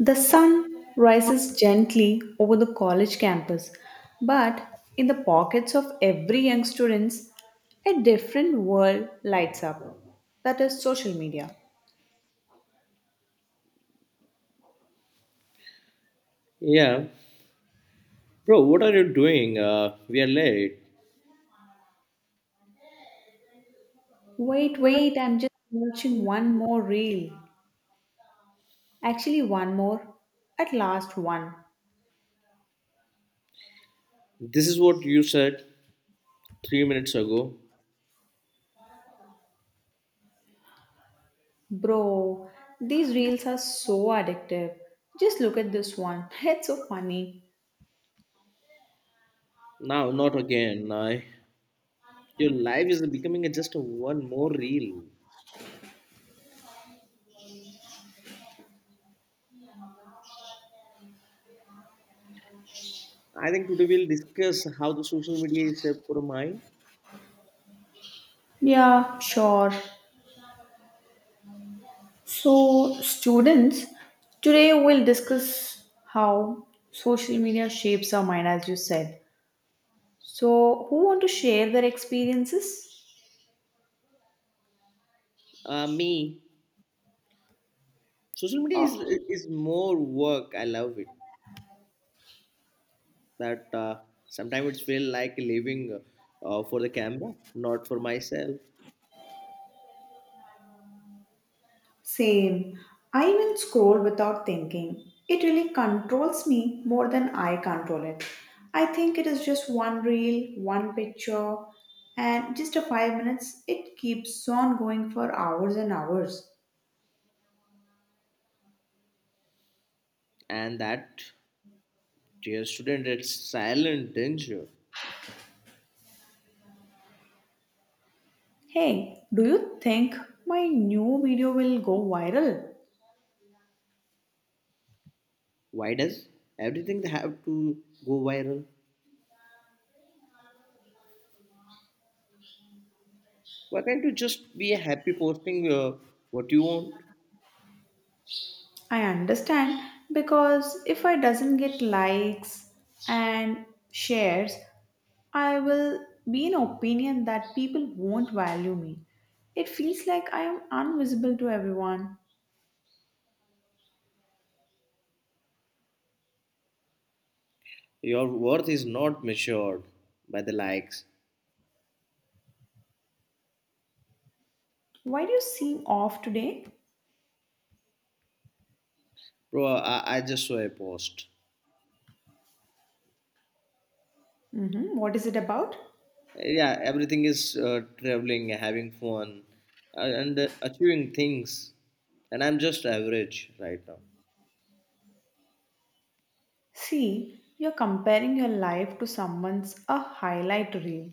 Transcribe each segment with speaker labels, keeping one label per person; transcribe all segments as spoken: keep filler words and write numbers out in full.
Speaker 1: The sun rises gently over the college campus, but in the pockets of every young students, a different world lights up. That is social media.
Speaker 2: Yeah. Bro, what are you doing? Uh, we are late.
Speaker 1: Wait, wait, I'm just watching one more reel. Actually, one more. At last, one.
Speaker 2: This is what you said three minutes ago.
Speaker 1: Bro, these reels are so addictive. Just look at this one. It's so funny.
Speaker 2: Now, not again. I, your life is becoming a, just a one more reel. I think today we'll discuss how the social media is shaped for mine.
Speaker 1: Yeah, sure. So, students, today we'll discuss how social media shapes our mind, as you said. So, who want to share their experiences?
Speaker 2: Uh, me. Social media is,
Speaker 1: Oh.
Speaker 2: is more work. I love it. That uh, Sometimes it feel like living uh, for the camera, not for myself.
Speaker 1: Same. I even scroll without thinking. It really controls me more than I control it. I think it is just one reel, one picture, and just a five minutes. It keeps on going for hours and hours.
Speaker 2: And that, dear student, it's silent danger.
Speaker 1: Hey, do you think my new video will go viral?
Speaker 2: Why does everything have to go viral? Why can't you just be happy posting uh, what you want?
Speaker 1: I understand because if I doesn't get likes and shares, I will be in opinion that people won't value me. It feels like I am invisible to everyone.
Speaker 2: Your worth is not measured by the likes.
Speaker 1: Why do you seem off today?
Speaker 2: Bro, I, I just saw a post.
Speaker 1: Mhm. What is it about?
Speaker 2: Yeah, everything is uh, traveling, having fun, uh, and uh, achieving things. And I'm just average right now.
Speaker 1: See, you're comparing your life to someone's a highlight reel.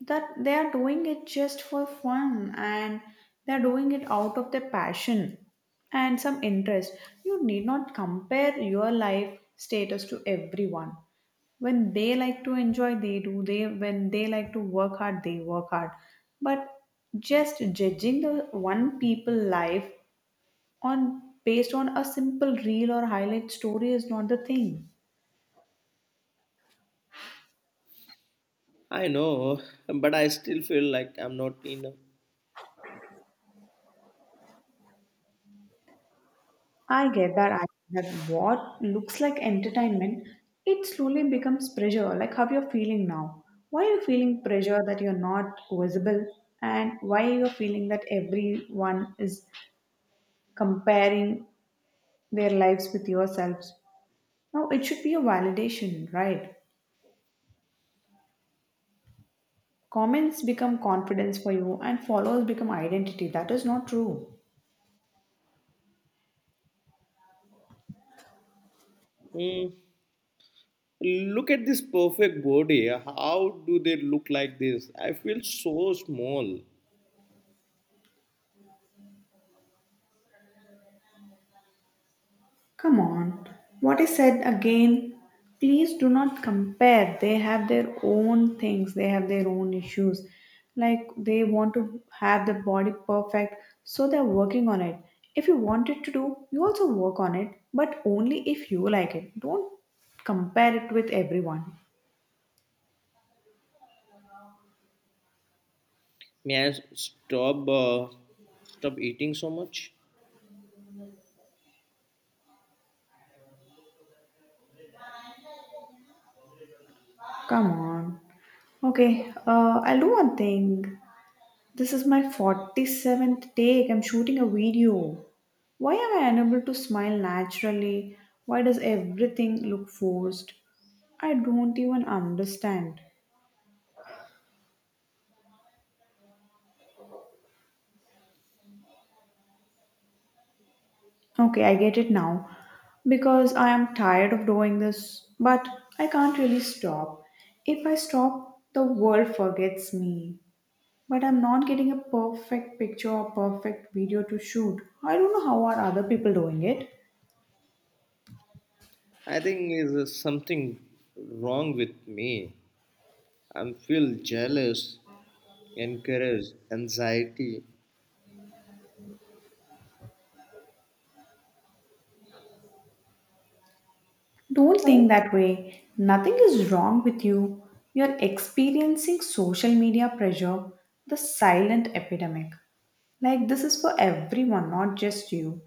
Speaker 1: That they are doing it just for fun and they're doing it out of their passion and some interest. You need not compare your life status to everyone. When they like to enjoy, they do. They when they like to work hard, they work hard. But just judging the one people life on based on a simple reel or highlight story is not the thing.
Speaker 2: I know, but I still feel like I'm not enough.
Speaker 1: I get that. I that what looks like entertainment, it slowly becomes pressure, like how you're feeling now. Why are you feeling pressure that you're not visible, and why are you feeling that everyone is comparing their lives with yourselves? Now it should be a validation, right? Comments become confidence for you, and followers become identity. That is not true.
Speaker 2: Hmm. Look at this perfect body. How do they look like this? I feel so small.
Speaker 1: Come on, what I said again. Please do not compare. They have their own things, they have their own issues. Like they want to have the body perfect, so they're working on it. If you want it to do, you also work on it, but only if you like it. Don't compare it with everyone.
Speaker 2: May I s- stop uh, stop eating so much?
Speaker 1: Come on. Okay, uh, I'll do one thing. This is my forty-seventh take. I'm shooting a video. Why am I unable to smile naturally? Why does everything look forced? I don't even understand. Okay, I get it now. Because I am tired of doing this, but I can't really stop. If I stop, the world forgets me. But I'm not getting a perfect picture or perfect video to shoot. I don't know how are other people doing it.
Speaker 2: I think is something wrong with me. I feel jealous, encouraged, anxiety.
Speaker 1: Don't think that way. Nothing is wrong with you. You're experiencing social media pressure, the silent epidemic. Like, this is for everyone, not just you.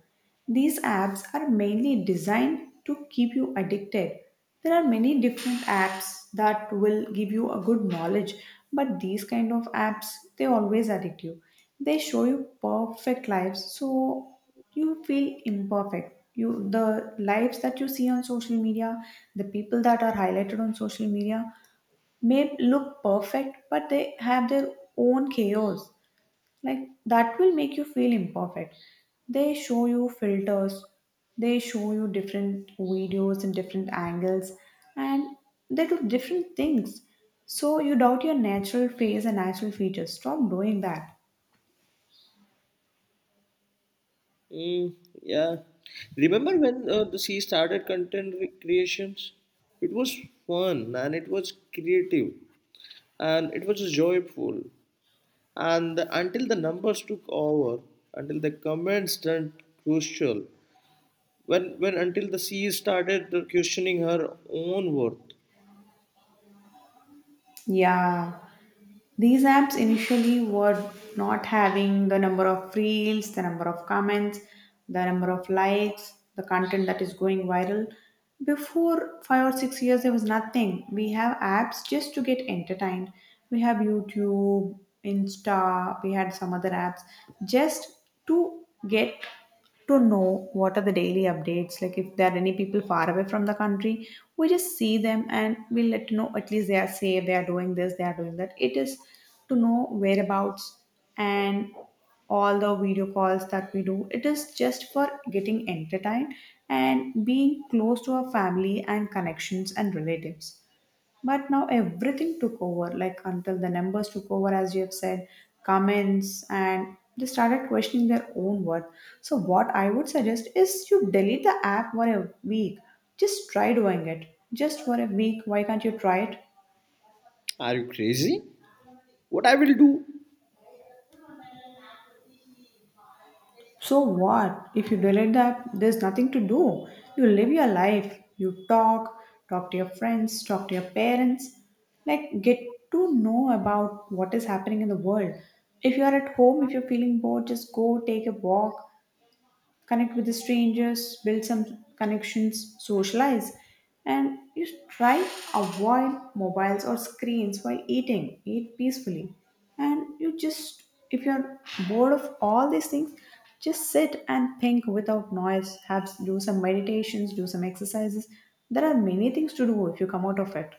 Speaker 1: These apps are mainly designed to keep you addicted. There are many different apps that will give you a good knowledge, but these kind of apps they always addict you. They show you perfect lives, so you feel imperfect. You the lives that you see on social media, the people that are highlighted on social media may look perfect, but they have their own chaos like that will make you feel imperfect. They show you filters, they show you different videos and different angles, and they do different things so you doubt your natural face and natural features. Stop doing that.
Speaker 2: Mm, yeah. Remember when uh, the sea started content creations? It was fun and it was creative and it was joyful. And the- until the numbers took over, until the comments turned crucial, when, when until the C E O started questioning her own worth.
Speaker 1: Yeah. These apps initially were not having the number of reels, the number of comments, the number of likes, the content that is going viral. Before five or six years, there was nothing. We have apps just to get entertained. We have YouTube, Insta, we had some other apps just to get to know what are the daily updates, like if there are any people far away from the country, we just see them and we let you know at least they are safe, they are doing this, they are doing that. It is to know whereabouts, and all the video calls that we do, it is just for getting entertained and being close to our family and connections and relatives. But now everything took over, like until the numbers took over, as you have said, comments, and they started questioning their own worth. So, what I would suggest is you delete the app for a week. Just try doing it. Just for a week. Why can't you try it?
Speaker 2: Are you crazy? What I will do?
Speaker 1: So what? If you delete that, there's nothing to do. You live your life. You talk, talk to your friends, talk to your parents. Like get to know about what is happening in the world. If you are at home, if you're feeling bored, just go take a walk, connect with the strangers, build some connections, socialize, and you try avoid mobiles or screens while eating. Eat peacefully, and you just if you're bored of all these things, just sit and think without noise. Have do some meditations, do some exercises. There are many things to do if you come out of it.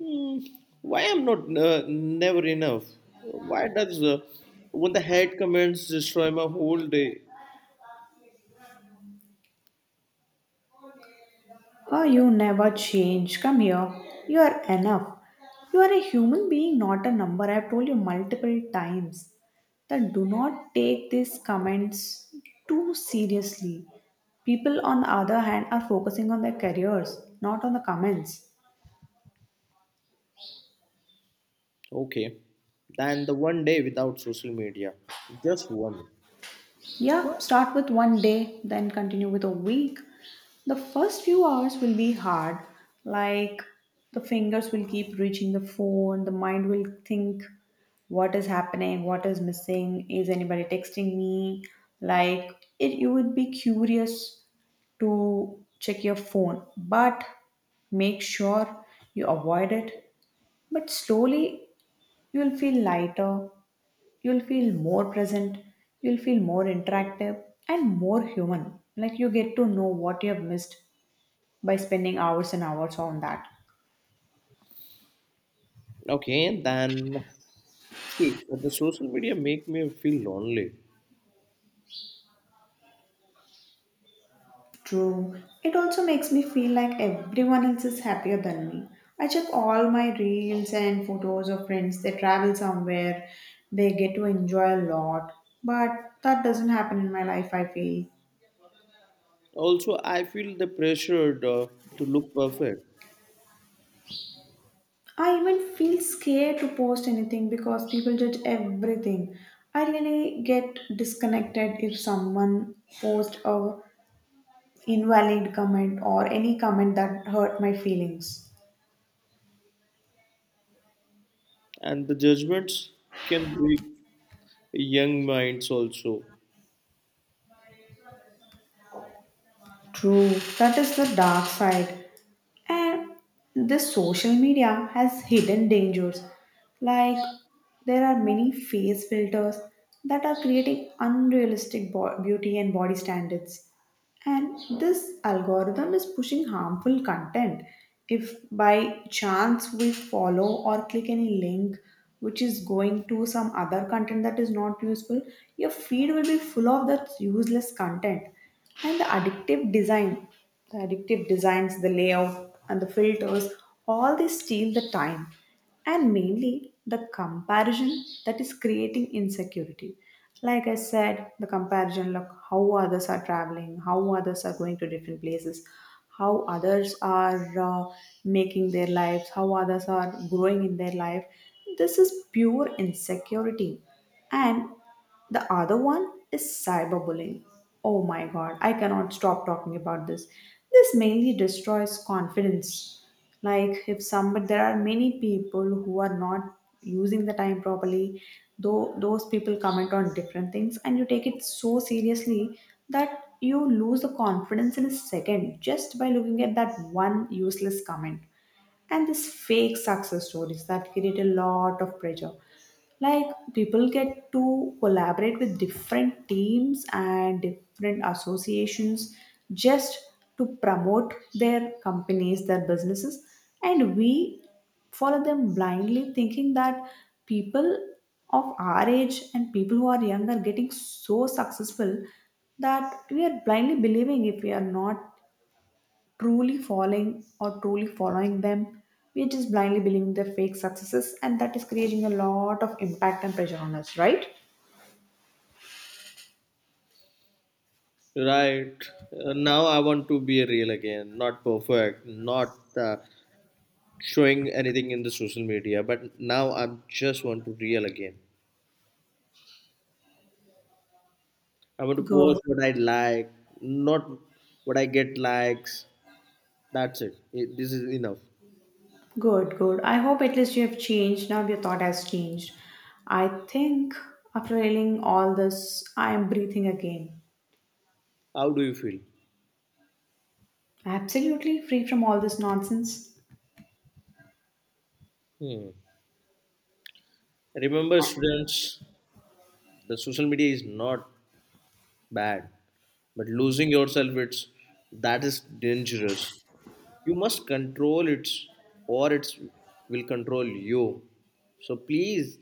Speaker 2: Hmm, why I'm not uh, never enough? Why does uh, when the head comments destroy my whole day?
Speaker 1: Oh, you never change. Come here. You are enough. You are a human being, not a number. I have told you multiple times that do not take these comments too seriously. People, on the other hand, are focusing on their careers, not on the comments.
Speaker 2: Okay, then the one day without social media, just one.
Speaker 1: Yeah, start with one day, then continue with a week. The first few hours will be hard, like the fingers will keep reaching the phone, the mind will think what is happening, what is missing, is anybody texting me? Like it you would be curious to check your phone, but make sure you avoid it. But slowly you will feel lighter, you'll feel more present, you'll feel more interactive and more human, like you get to know what you have missed by spending hours and hours on that.
Speaker 2: Okay, then see the social media make me feel lonely.
Speaker 1: True. It also makes me feel like everyone else is happier than me. I check all my reels and photos of friends. They travel somewhere, they get to enjoy a lot. But that doesn't happen in my life, I feel.
Speaker 2: Also, I feel the pressure uh, to look perfect,
Speaker 1: I even feel scared to post anything because people judge everything. I really get disconnected if someone posts a invalid comment or any comment that hurt my feelings.
Speaker 2: and the judgments can break young minds also.
Speaker 1: True, that is the dark side. And this social media has hidden dangers. Like there are many face filters that are creating unrealistic bo- beauty and body standards. And this algorithm is pushing harmful content. If by chance we follow or click any link which is going to some other content that is not useful, your feed will be full of that useless content. And the addictive design, the addictive designs, the layout, and the filters, all they steal the time, and mainly the comparison that is creating insecurity. Like I said, the comparison, look how others are traveling, how others are going to different places, how others are uh, making their lives, how others are growing in their life. This is pure insecurity. And the other one is cyberbullying. Oh my god, I cannot stop talking about this. This mainly destroys confidence. Like if somebody there are many people who are not using the time properly, though those people comment on different things and you take it so seriously that you lose the confidence in a second just by looking at that one useless comment. And this fake success stories that create a lot of pressure, like people get to collaborate with different teams and different associations just to promote their companies, their businesses, and we follow them blindly thinking that people of our age and people who are young are getting so successful that we are blindly believing if we are not truly following or truly following them. We're just blindly believing their fake successes, and that is creating a lot of impact and pressure on us, right?
Speaker 2: Right uh, Now, I want to be real again, not perfect, not uh, showing anything in the social media, but now I just want to real again. I want to
Speaker 1: Good,
Speaker 2: post what I like, not what I get likes. That's it. It- This is enough.
Speaker 1: good, good. I hope at least you have changed. Now your thought has changed. I think after reading all this, I am breathing again.
Speaker 2: How do you feel?
Speaker 1: Absolutely free from all this nonsense.
Speaker 2: Hmm. Remember, students, the social media is not bad. But losing yourself, it's that is dangerous. You must control it, or it will control you. So please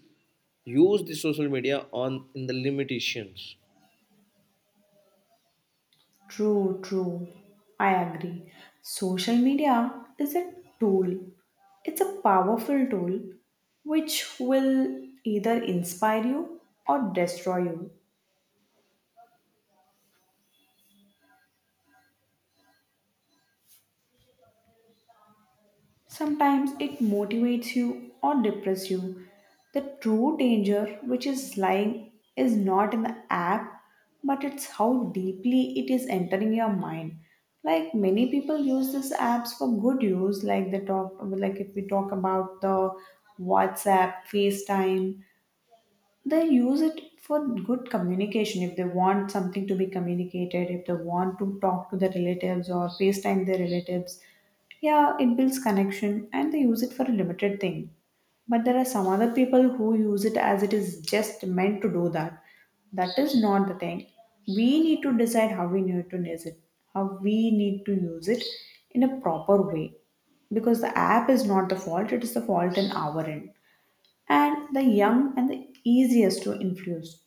Speaker 2: use the social media on in the limitations.
Speaker 1: True, true. I agree. Social media is a tool, it's a powerful tool which will either inspire you or destroy you. Sometimes it motivates you or depresses you. The true danger which is lying is not in the app, but it's how deeply it is entering your mind. Like many people use these apps for good use, like they talk, like if we talk about the WhatsApp, FaceTime, they use it for good communication if they want something to be communicated, if they want to talk to their relatives or facetime their relatives. Yeah, it builds connection and they use it for a limited thing. But there are some other people who use it as it is just meant to do that. That is not the thing. We need to decide how we need to use it, how we need to use it in a proper way. Because the app is not the fault, it is the fault in our end. And the young and the easiest to influence.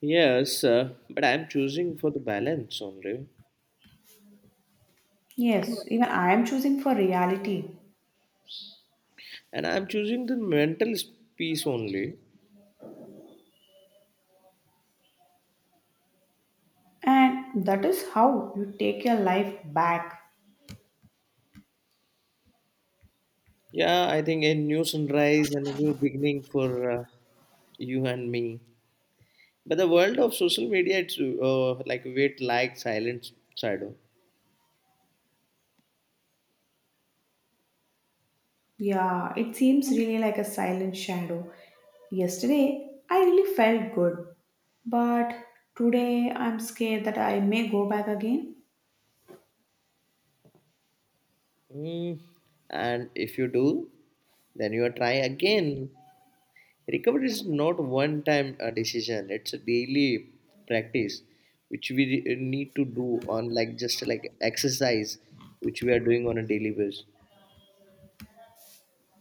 Speaker 2: Yes, uh, but I am choosing for the balance only,
Speaker 1: Yes, even I am choosing for reality,
Speaker 2: and I am choosing the mental s- peace only.
Speaker 1: and that is how you take your life back.
Speaker 2: Yeah, I think a new sunrise and a new beginning for uh, you and me. But the world of social media, it's uh, like wait, like, silence, shadow.
Speaker 1: Yeah, it seems really like a silent shadow. Yesterday, I really felt good, but today I'm scared that I may go back again.
Speaker 2: Mm. And if you do, then you try again. Recovery is not one time uh, decision, it's a daily practice which we re- uh, need to do on like just like exercise which we are doing on a daily basis.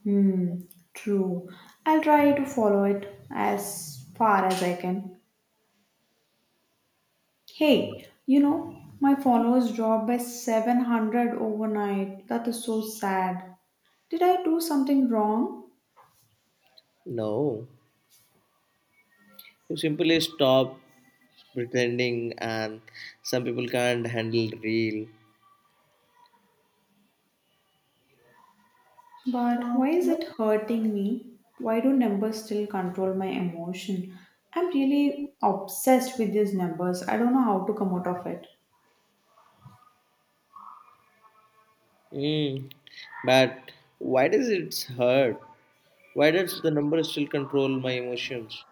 Speaker 1: Hmm, true. I'll try to follow it as far as I can. Hey, you know, my followers dropped by seven hundred overnight. That is so sad. Did I do something wrong?
Speaker 2: No, you simply stop pretending, and some people can't handle real.
Speaker 1: But why is it hurting me? Why do numbers still control my emotion? I'm really obsessed with these numbers. I don't know how to come out of it.
Speaker 2: Mm. But why does it hurt? Why does the number still control my emotions?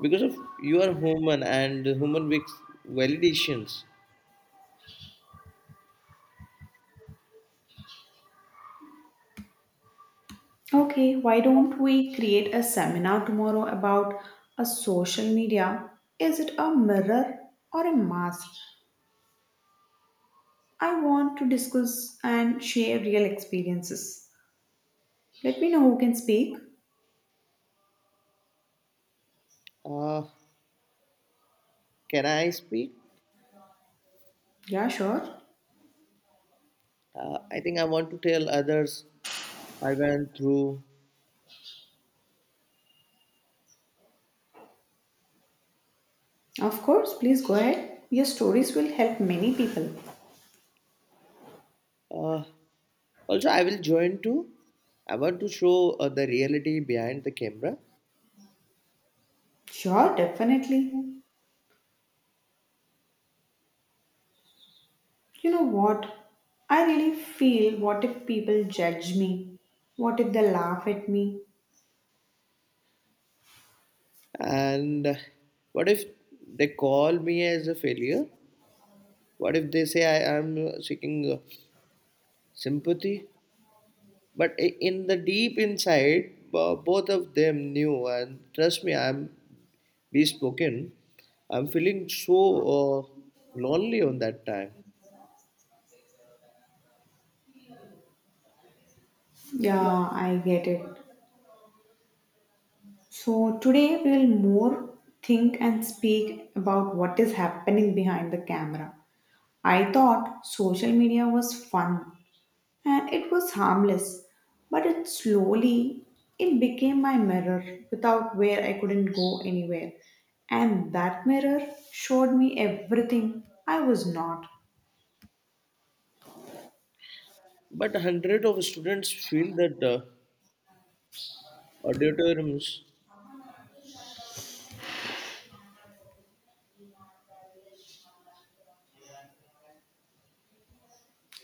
Speaker 2: Because of you are human and human makes validations.
Speaker 1: Okay, why don't we create a seminar tomorrow about a social media? Is it a mirror or a mask? I want to discuss and share real experiences. Let me know who can speak.
Speaker 2: Uh, can I speak?
Speaker 1: Yeah, sure.
Speaker 2: Uh, I think I want to tell others I went through.
Speaker 1: Of course, please go ahead. Your stories will help many people.
Speaker 2: Uh, also, I will join too. I want to show uh, the reality behind the camera.
Speaker 1: Sure, definitely. You know what? I really feel, what if people judge me? What if they laugh at me?
Speaker 2: And uh, What if they call me as a failure? What if they say I am seeking? uh, Sympathy? But i- in the deep inside, bo- both of them knew, and trust me, I'm bespoken. I'm feeling so uh, lonely on that time.
Speaker 1: Yeah, I get it. So today we'll more think and speak about what is happening behind the camera. I thought social media was fun, and it was harmless, but it slowly, it became my mirror, without where I couldn't go anywhere. And that mirror showed me everything I was not.
Speaker 2: But hundred of students feel that uh, auditoriums,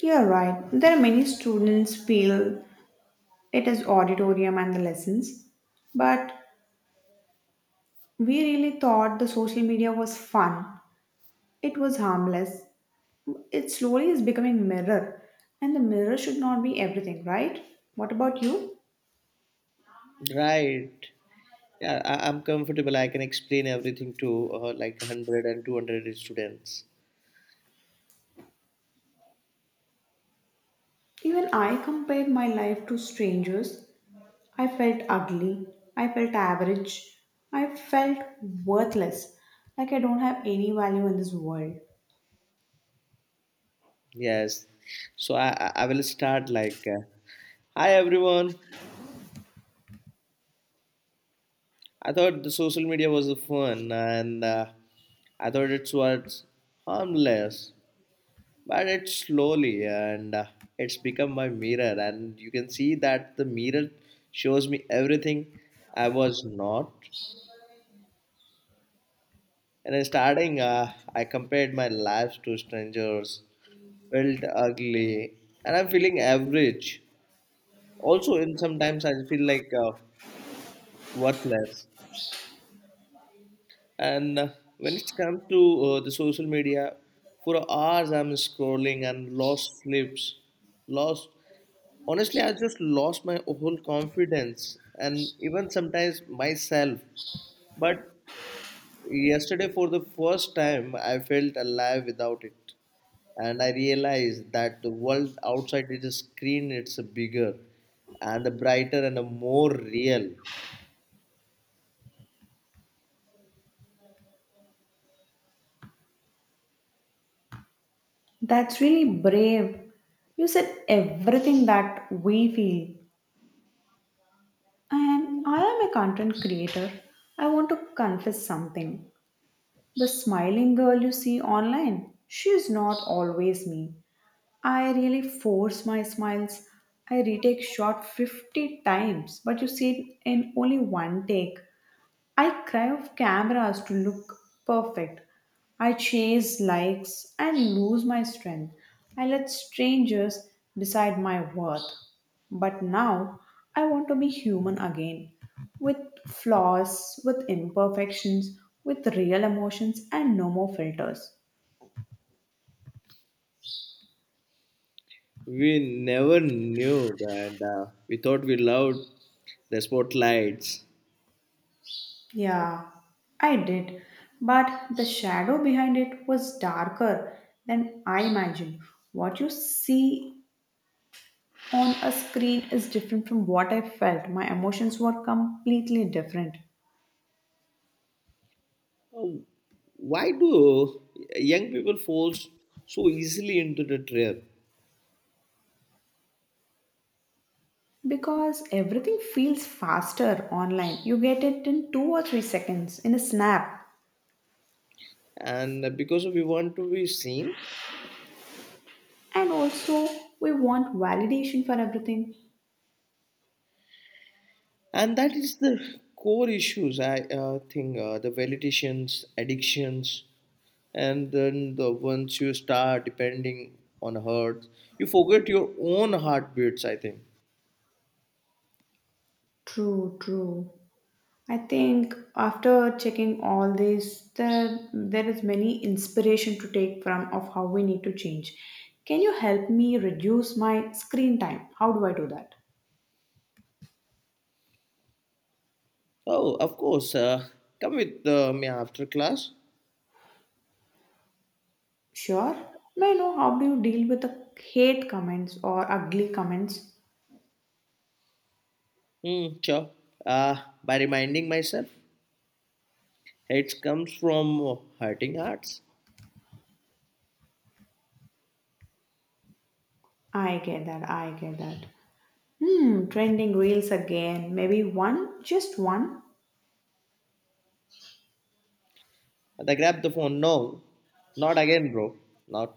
Speaker 1: You're right, there are many students feel it is auditorium and the lessons, but we really thought the social media was fun, it was harmless, it slowly is becoming mirror. And the mirror should not be everything, right? What about you?
Speaker 2: right? Yeah, I, I'm comfortable. I can explain everything to uh, like one hundred and two hundred students.
Speaker 1: Even I compared my life to strangers. I felt ugly. I felt average. I felt worthless. Like I don't have any value in this world.
Speaker 2: Yes. So I, I I will start like, uh, hi everyone. I thought the social media was fun and uh, I thought it was harmless, but it's slowly and uh, it's become my mirror. And you can see that the mirror shows me everything I was not. And in starting, uh, I compared my life to strangers, felt ugly, and I'm feeling average. Also, in sometimes I feel like uh, worthless. And uh, When it comes to uh, the social media, for hours I'm scrolling and lost sleeps, lost. Honestly, I just lost my whole confidence and even sometimes myself. But yesterday, for the first time, I felt alive without it. And I realized that the world outside is a screen, it's a bigger and the brighter and the more real.
Speaker 1: That's really brave. You said everything that we feel. And I am a content creator. I want to confess something. The smiling girl you see online, she is not always me. I really force my smiles. I retake shot fifty times, but you see it in only one take. I cry of cameras to look perfect. I chase likes and lose my strength. I let strangers decide my worth. But now I want to be human again, with flaws, with imperfections, with real emotions, and no more filters.
Speaker 2: We never knew that uh, we thought we loved the spotlights.
Speaker 1: Yeah, I did. But the shadow behind it was darker than I imagined. What you see on a screen is different from what I felt. My emotions were completely different.
Speaker 2: Oh, why do young people fall so easily into the trap?
Speaker 1: Because everything feels faster online. You get it in two or three seconds, in a snap.
Speaker 2: And because we want to be seen,
Speaker 1: And also, we want validation for everything.
Speaker 2: and that is the core issues. I uh, think uh, the validations, addictions, and then the once you start depending on heart, you forget your own heartbeats. I think
Speaker 1: True, true. I think after checking all this, there, there is many inspiration to take from of how we need to change. Can you help me reduce my screen time? How do I do that?
Speaker 2: oh, of course. Uh, come with uh, me after class.
Speaker 1: Sure. May I know how do you deal with the hate comments or ugly comments?
Speaker 2: Mm, sure. Uh, by reminding myself, it comes from uh, hurting hearts.
Speaker 1: I get that. I get that. Hmm. Trending reels again. Maybe one, just one.
Speaker 2: And I grabbed the phone. No, not again, bro. Not.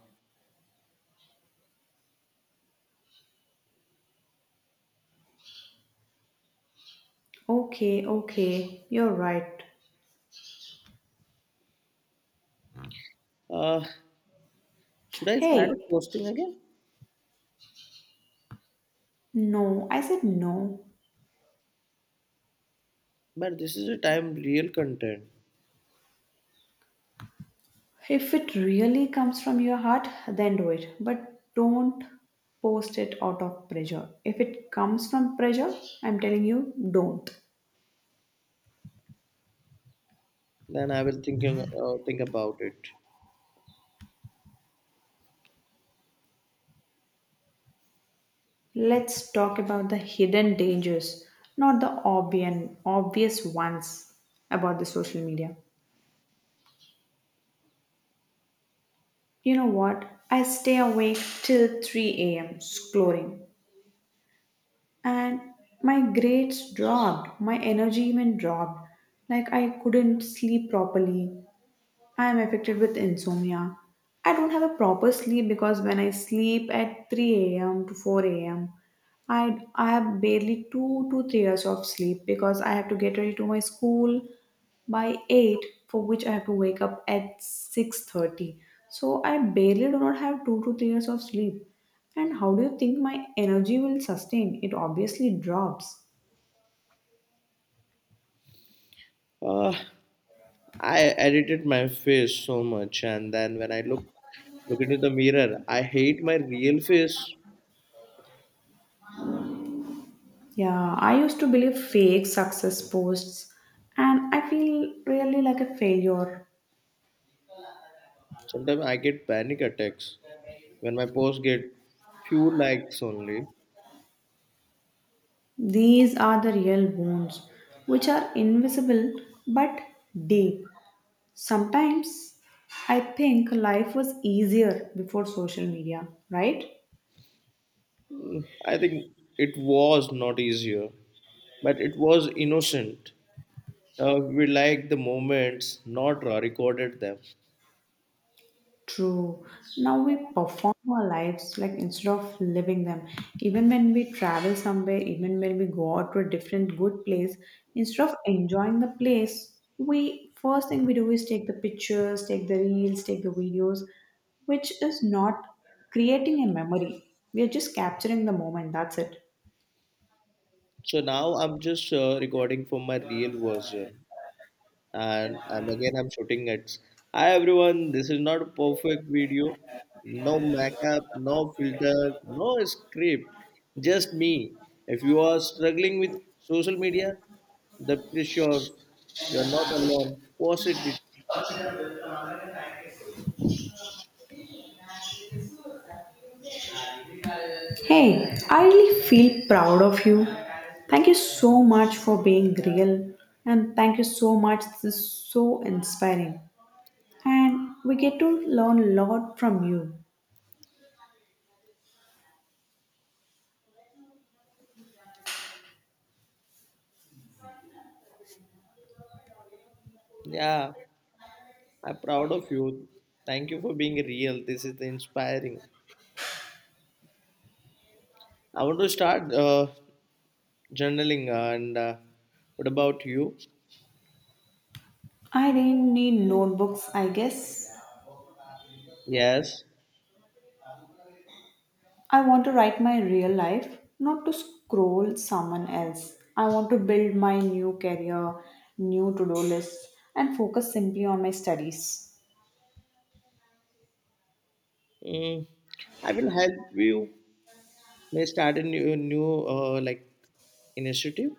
Speaker 1: Okay. Okay. You're right.
Speaker 2: Uh, should I start
Speaker 1: Hey.
Speaker 2: posting again?
Speaker 1: No. I said no.
Speaker 2: But this is a time real content.
Speaker 1: If it really comes from your heart, then do it. But don't post it out of pressure. If it comes from pressure, I'm telling you, don't.
Speaker 2: Then I will thinking uh, think about it.
Speaker 1: Let's talk about the hidden dangers, not the obvious, obvious ones about the social media. You know what? I stay awake till three a m scrolling, and my grades dropped, my energy even dropped. Like I couldn't sleep properly, I am affected with insomnia. I don't have a proper sleep because when I sleep at three a m to four a m, I, I have barely two to three hours of sleep because I have to get ready to my school by eight, for which I have to wake up at six thirty. So I barely do not have two to three hours of sleep. And how do you think my energy will sustain? It obviously drops.
Speaker 2: Uh, I edited my face so much, and then when I look look into the mirror, I hate my real face.
Speaker 1: Yeah, I used to believe fake success posts and I feel really like a failure.
Speaker 2: Sometimes I get panic attacks when my posts get few likes only.
Speaker 1: These are the real wounds, which are invisible but deep. Sometimes I think life was easier before social media, right?
Speaker 2: Mm, I think it was not easier, but it was innocent. Uh, we liked the moments, not uh, recorded them.
Speaker 1: True. Now we perform our lives like instead of living them. Even when we travel somewhere, even when we go out to a different good place, instead of enjoying the place, we first thing we do is take the pictures, take the reels, take the videos, which is not creating a memory. We are just capturing the moment. That's it.
Speaker 2: So now I'm just uh, recording for my real version. And I'm again I'm shooting it. Hi everyone, this is not a perfect video. No makeup, no filter, no script, just me. If you are struggling with social media, the pressure, you are not alone. Post it.
Speaker 1: Hey, I really feel proud of you. Thank you so much for being real, and thank you so much. This is so inspiring. And we get to learn a lot from you.
Speaker 2: Yeah, I'm proud of you. Thank you for being real. This is inspiring. I want to start uh, journaling and uh, what about you?
Speaker 1: I didn't need notebooks, I guess.
Speaker 2: Yes.
Speaker 1: I want to write my real life, not to scroll someone else. I want to build my new career, new to do list, and focus simply on my studies.
Speaker 2: Mm, I will help you may start a new new uh, like initiative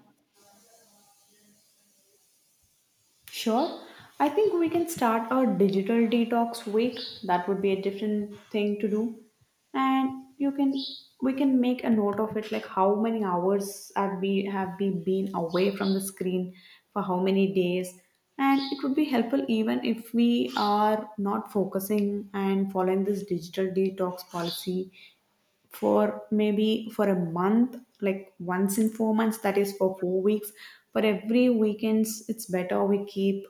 Speaker 1: Sure. I think we can start a digital detox week. That would be a different thing to do. And you can, we can make a note of it, like how many hours have we have we been away from the screen, for how many days. And it would be helpful even if we are not focusing and following this digital detox policy for maybe for a month, like once in four months, that is for four weeks, for every weekends it's better we keep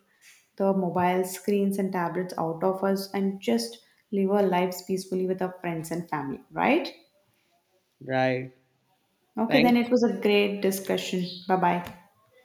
Speaker 1: the mobile screens and tablets out of us and just live our lives peacefully with our friends and family, right?
Speaker 2: right
Speaker 1: Okay,
Speaker 2: thank
Speaker 1: then it was a great discussion. Bye bye.